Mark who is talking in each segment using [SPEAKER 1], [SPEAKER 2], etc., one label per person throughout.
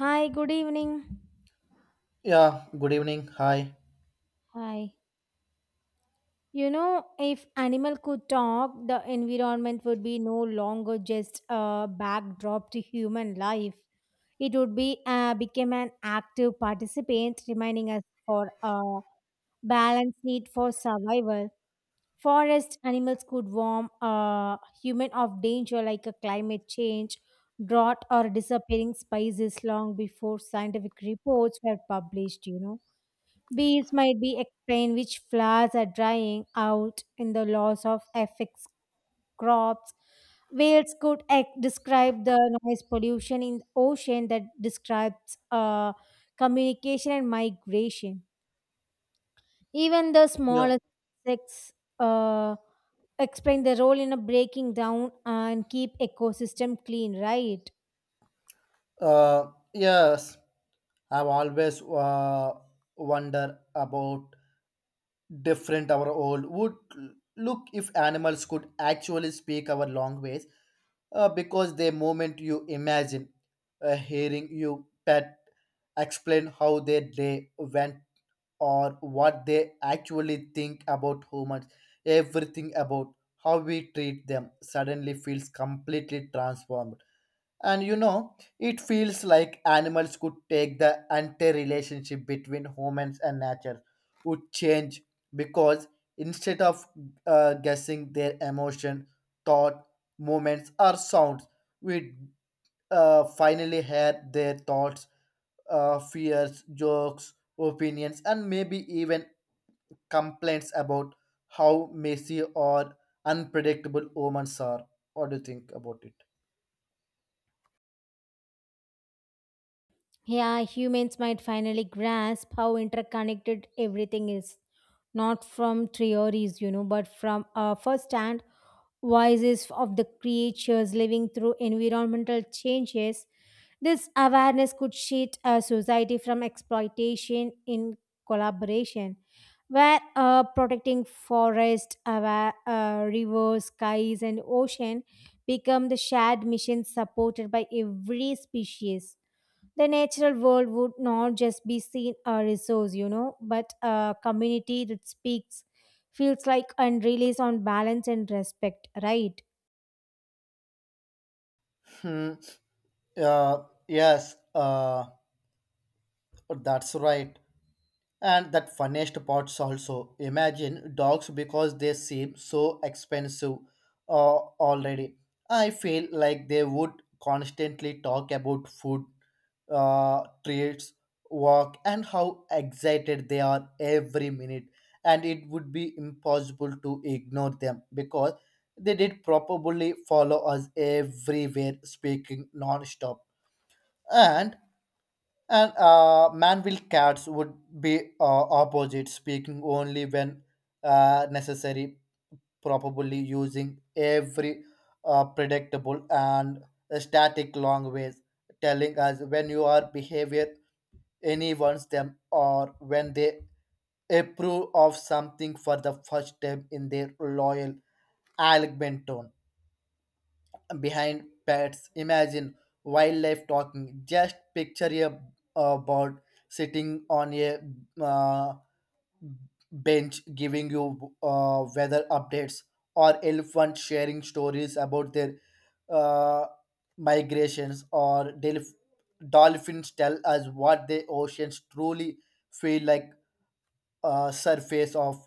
[SPEAKER 1] Hi, good evening.
[SPEAKER 2] Yeah, good evening. Hi.
[SPEAKER 1] Hi. You know, if animal could talk, the environment would be no longer just a backdrop to human life. It would be become an active participant, reminding us for a balance need for survival. Forest animals could warn human of danger like a climate change, drought, or disappearing species long before scientific reports were published. You know. Bees might be explain which flowers are drying out in the loss of affects crops. Whales could describe the noise pollution in the ocean that describes communication and migration. Even the
[SPEAKER 2] Yeah.
[SPEAKER 1] smallest insects uh, explain their role in a breaking down and keep ecosystem clean, right?
[SPEAKER 2] Uh, yes, I've always wonder about different our old would look if animals could actually speak our language because the moment you imagine hearing you pet explain how their day went or what they actually think about humans, everything about how we treat them suddenly feels completely transformed. And you know, it feels like animals could take the entire relationship between humans and nature would change because instead of guessing their emotion, thought, movements, or sounds, we finally hear their thoughts, fears, jokes, opinions, and maybe even complaints about how messy or unpredictable humans are. What do you think about it?
[SPEAKER 1] Yeah, humans might finally grasp how interconnected everything is. Not from theories, you know, but from first hand voices of the creatures living through environmental changes. This awareness could shield a society from exploitation in collaboration, where protecting forest, rivers, skies, and ocean become the shared mission supported by every species. The natural world would not just be seen a resource, you know, but a community that speaks, feels like, and relies on balance and respect, right?
[SPEAKER 2] Hmm. Uh, yes, uh, that's right. And that funniest parts also. Imagine dogs because they seem so expensive already. I feel like they would constantly talk about food, treats, work, and how excited they are every minute. And it would be impossible to ignore them because they did probably follow us everywhere, speaking non-stop. And And Manville cats would be opposite, speaking only when necessary, probably using every predictable and static language, telling us when you are behavior anyone's them or when they approve of something for the first time in their loyal elegant tone behind pets. Imagine wildlife talking. Just picture a bird sitting on a uh, bench giving you weather updates, or elephant sharing stories about their uh, migrations, or dolphins tell us what the oceans truly feel like surface of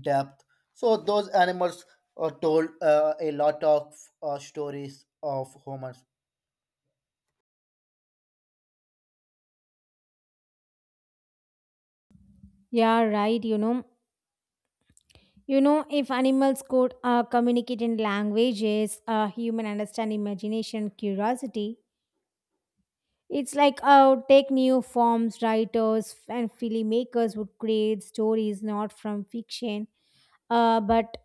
[SPEAKER 2] depth. So those animals told a lot of stories of humans.
[SPEAKER 1] Yeah, right, you know. You know, if animals could communicate in languages, human understand imagination, curiosity, it's like take new forms, writers and filmmakers would create stories not from fiction, but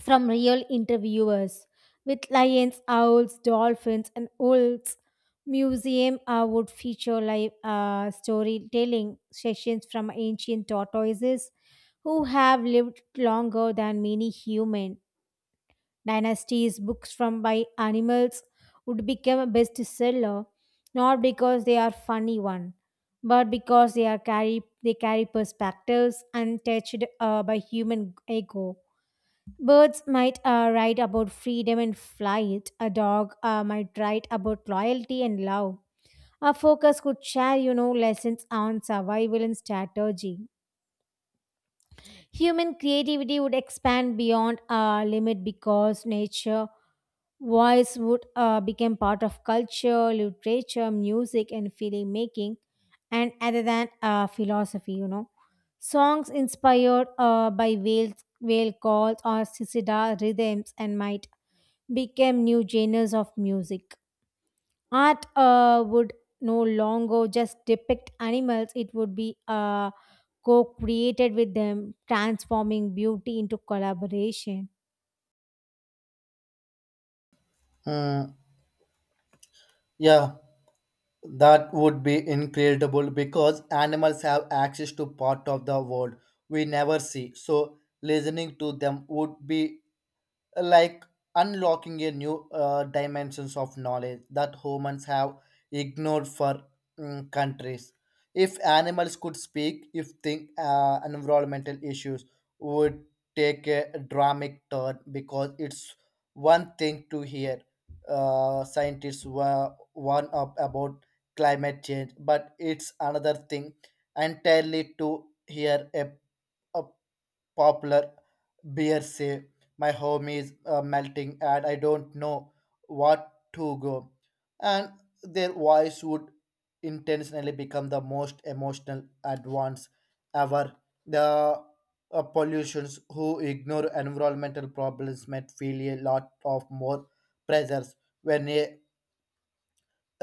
[SPEAKER 1] from real interviewers with lions, owls, dolphins, and wolves. Museum would feature live storytelling sessions from ancient tortoises who have lived longer than many human. Dynasties books from by animals would become a bestseller not because they are funny one, but because they carry perspectives untouched by human ego. Birds might write about freedom and flight. A dog might write about loyalty and love. A focus could share, you know, lessons on survival and strategy. Human creativity would expand beyond our limit because nature voice would become part of culture, literature, music, and feeling making, and other than philosophy, you know. Songs inspired by whale calls or cicada rhythms and might became new genres of music. Art would no longer just depict animals, it would be co created with them, transforming beauty into collaboration.
[SPEAKER 2] Hmm. Yeah, that would be incredible because animals have access to part of the world we never see. So listening to them would be like unlocking a new dimensions of knowledge that humans have ignored for countries if animals could speak if think environmental issues would take a dramatic turn because it's one thing to hear scientists were one up about climate change but it's another thing entirely to hear a popular beer say my home is melting and I don't know what to go. And their voice would intentionally become the most emotional advance ever. The pollutions who ignore environmental problems might feel a lot of more pressures when a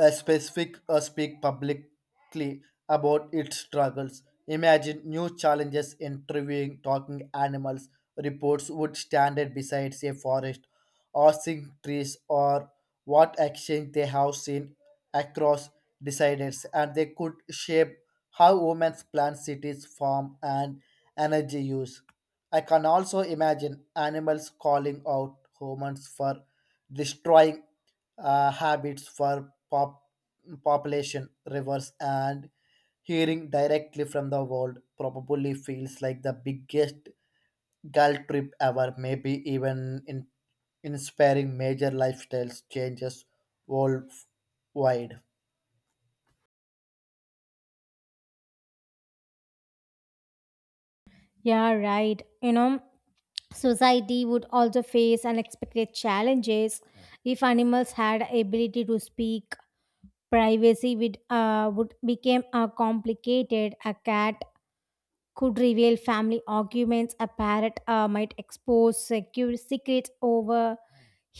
[SPEAKER 2] a specific or speak publicly about its struggles. Imagine new challenges in interviewing talking animals. Reports would stand it beside a forest, or sing trees, or what action they have seen across deciders, and they could shape how women plan cities, farm, and energy use. I can also imagine animals calling out humans for destroying habits for population rivers and hearing directly from the world probably feels like the biggest girl trip ever maybe even in inspiring major lifestyles changes worldwide.
[SPEAKER 1] Yeah, right. You know, society would also face unexpected challenges if animals had ability to speak. Privacy would, became complicated. A cat could reveal family arguments. A parrot might expose secure secrets over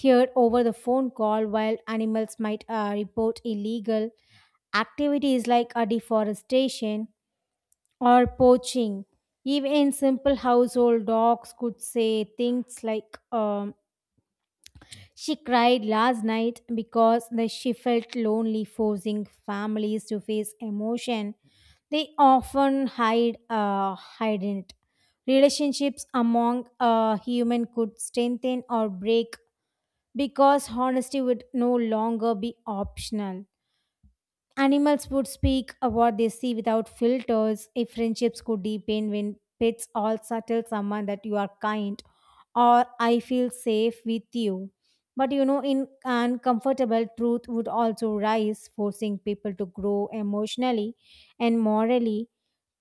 [SPEAKER 1] heard over the phone call, while animals might report illegal activities like deforestation or poaching. Even simple household dogs could say things like she cried last night because she felt lonely, forcing families to face emotion they often hide it. Relationships among a human could strengthen or break because honesty would no longer be optional. Animals would speak of what they see without filters. If friendships could deepen when pets also tell someone that you are kind or I feel safe with you. But you know, in uncomfortable truth would also rise, forcing people to grow emotionally and morally.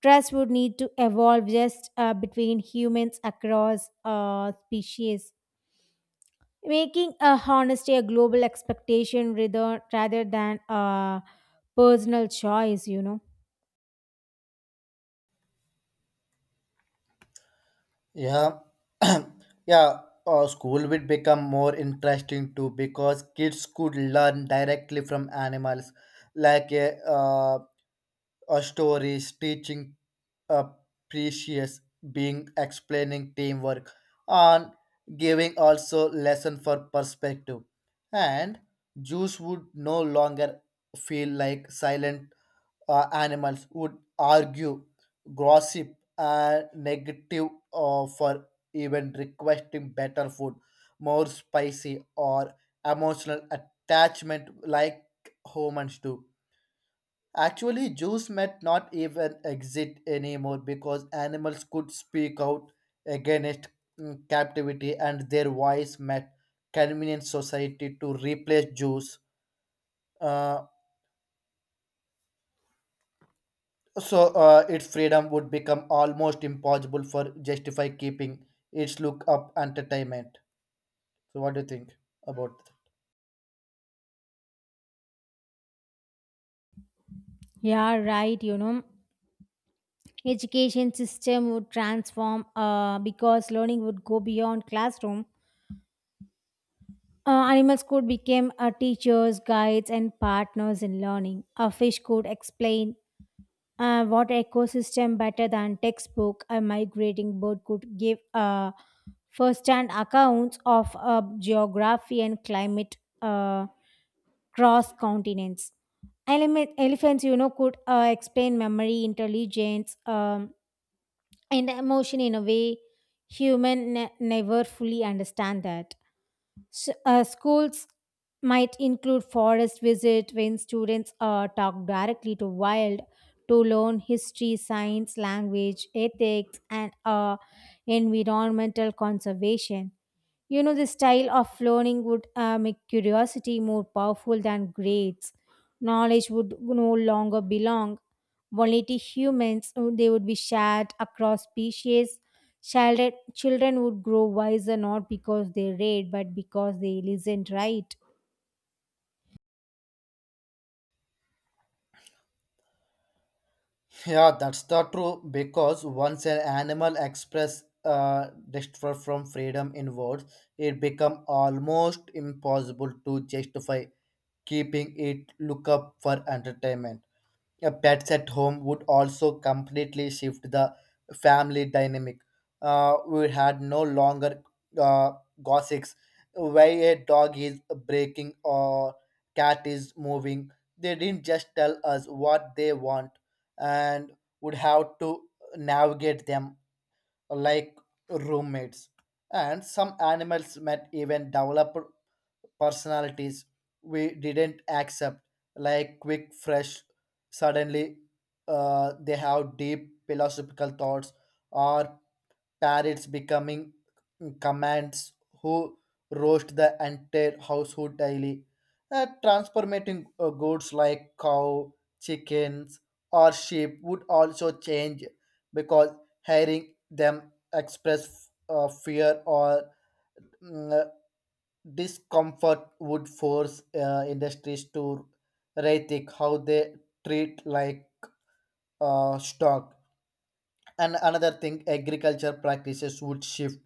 [SPEAKER 1] Trust would need to evolve just between humans across species, making a honesty a global expectation rather than a personal choice, you know.
[SPEAKER 2] Yeah. Yeah. School would become more interesting too because kids could learn directly from animals like a stories, teaching uh, precious being explaining teamwork and giving also lesson for perspective. And Jews would no longer feel like silent animals would argue, gossip, and negative for even requesting better food, more spicy or emotional attachment like humans do. Actually, Jews might not even exist anymore because animals could speak out against captivity and their voice might convince society to replace Jews. Uh, so its freedom would become almost impossible for justify keeping its look up entertainment. So what do you think about?
[SPEAKER 1] Yeah, right, you know. Education system would transform because learning would go beyond classroom. Animals could become teachers guides and partners in learning. A fish could explain water ecosystem better than textbook. A migrating bird could give first-hand accounts of geography and climate cross continents. Elephants, you know, could explain memory, intelligence, and emotion in a way human never fully understand that. S Schools might include forest visit when students talk directly to wild to learn history, science, language, ethics, and environmental conservation. You know, the style of learning would make curiosity more powerful than grades. Knowledge would no longer belong only to humans, they would be shared across species. Children would grow wiser not because they read, but because they listened, right.
[SPEAKER 2] Yeah, that's the true because once an animal express despair from freedom in words, it become almost impossible to justify keeping it look up for entertainment. Pets at home would also completely shift the family dynamic. We had no longer uh, gossips why a dog is breaking or cat is moving. They didn't just tell us what they want and would have to navigate them like roommates, and some animals might even develop personalities we didn't accept, like quick, fresh. Suddenly, they have deep philosophical thoughts, or parrots becoming commands who roast the entire household daily, transforming goods like cow, chickens, or sheep would also change because hearing them express fear or mm, uh, discomfort would force industries to rethink how they treat like stock. And another thing, agriculture practices would shift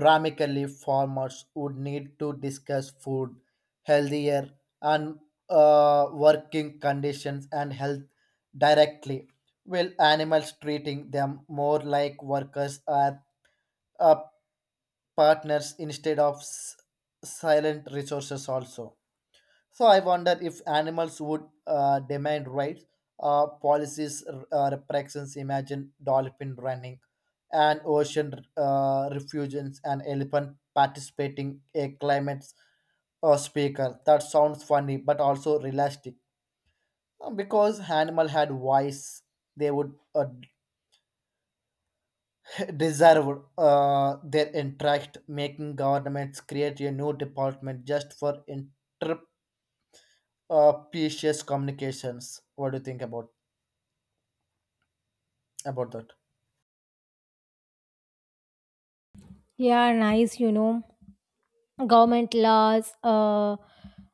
[SPEAKER 2] dramatically. Farmers would need to discuss food, healthier, and working conditions and health directly. Will animals treating them more like workers or uh, partners instead of silent resources also? So I wonder if animals would demand rights, policies, repressions. Imagine dolphin running, and ocean refugians, and elephant participating a climate speaker. That sounds funny, but also realistic. Because animal had voice, they would deserve their interest, making governments create a new department just for inter species communications. What do you think about? About that.
[SPEAKER 1] Yeah, nice, you know. Government laws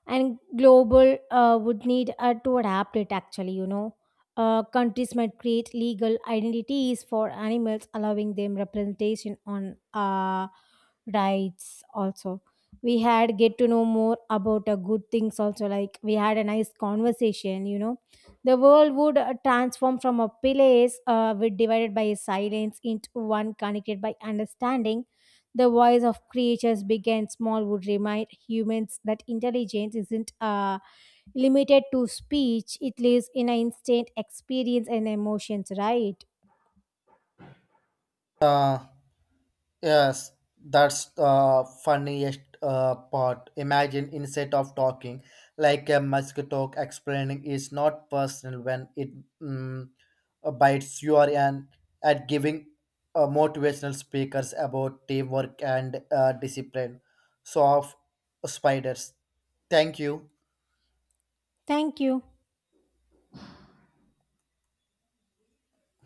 [SPEAKER 1] and global would need to adapt it, actually, you know. Countries might create legal identities for animals, allowing them representation on rights also. We had get to know more about good things also, like we had a nice conversation, you know. The world would transform from a place with divided by silence into one connected by understanding. The voice of creatures big and small would remind humans that intelligence isn't limited to speech, it lives in an instant experience and emotions, right?
[SPEAKER 2] Uh, yes, that's the funniest part. Imagine instead of talking like a mosquito explaining is not personal when it mm, bites you are an at giving motivational speakers about teamwork and discipline. So of spiders. Thank you.
[SPEAKER 1] Thank you.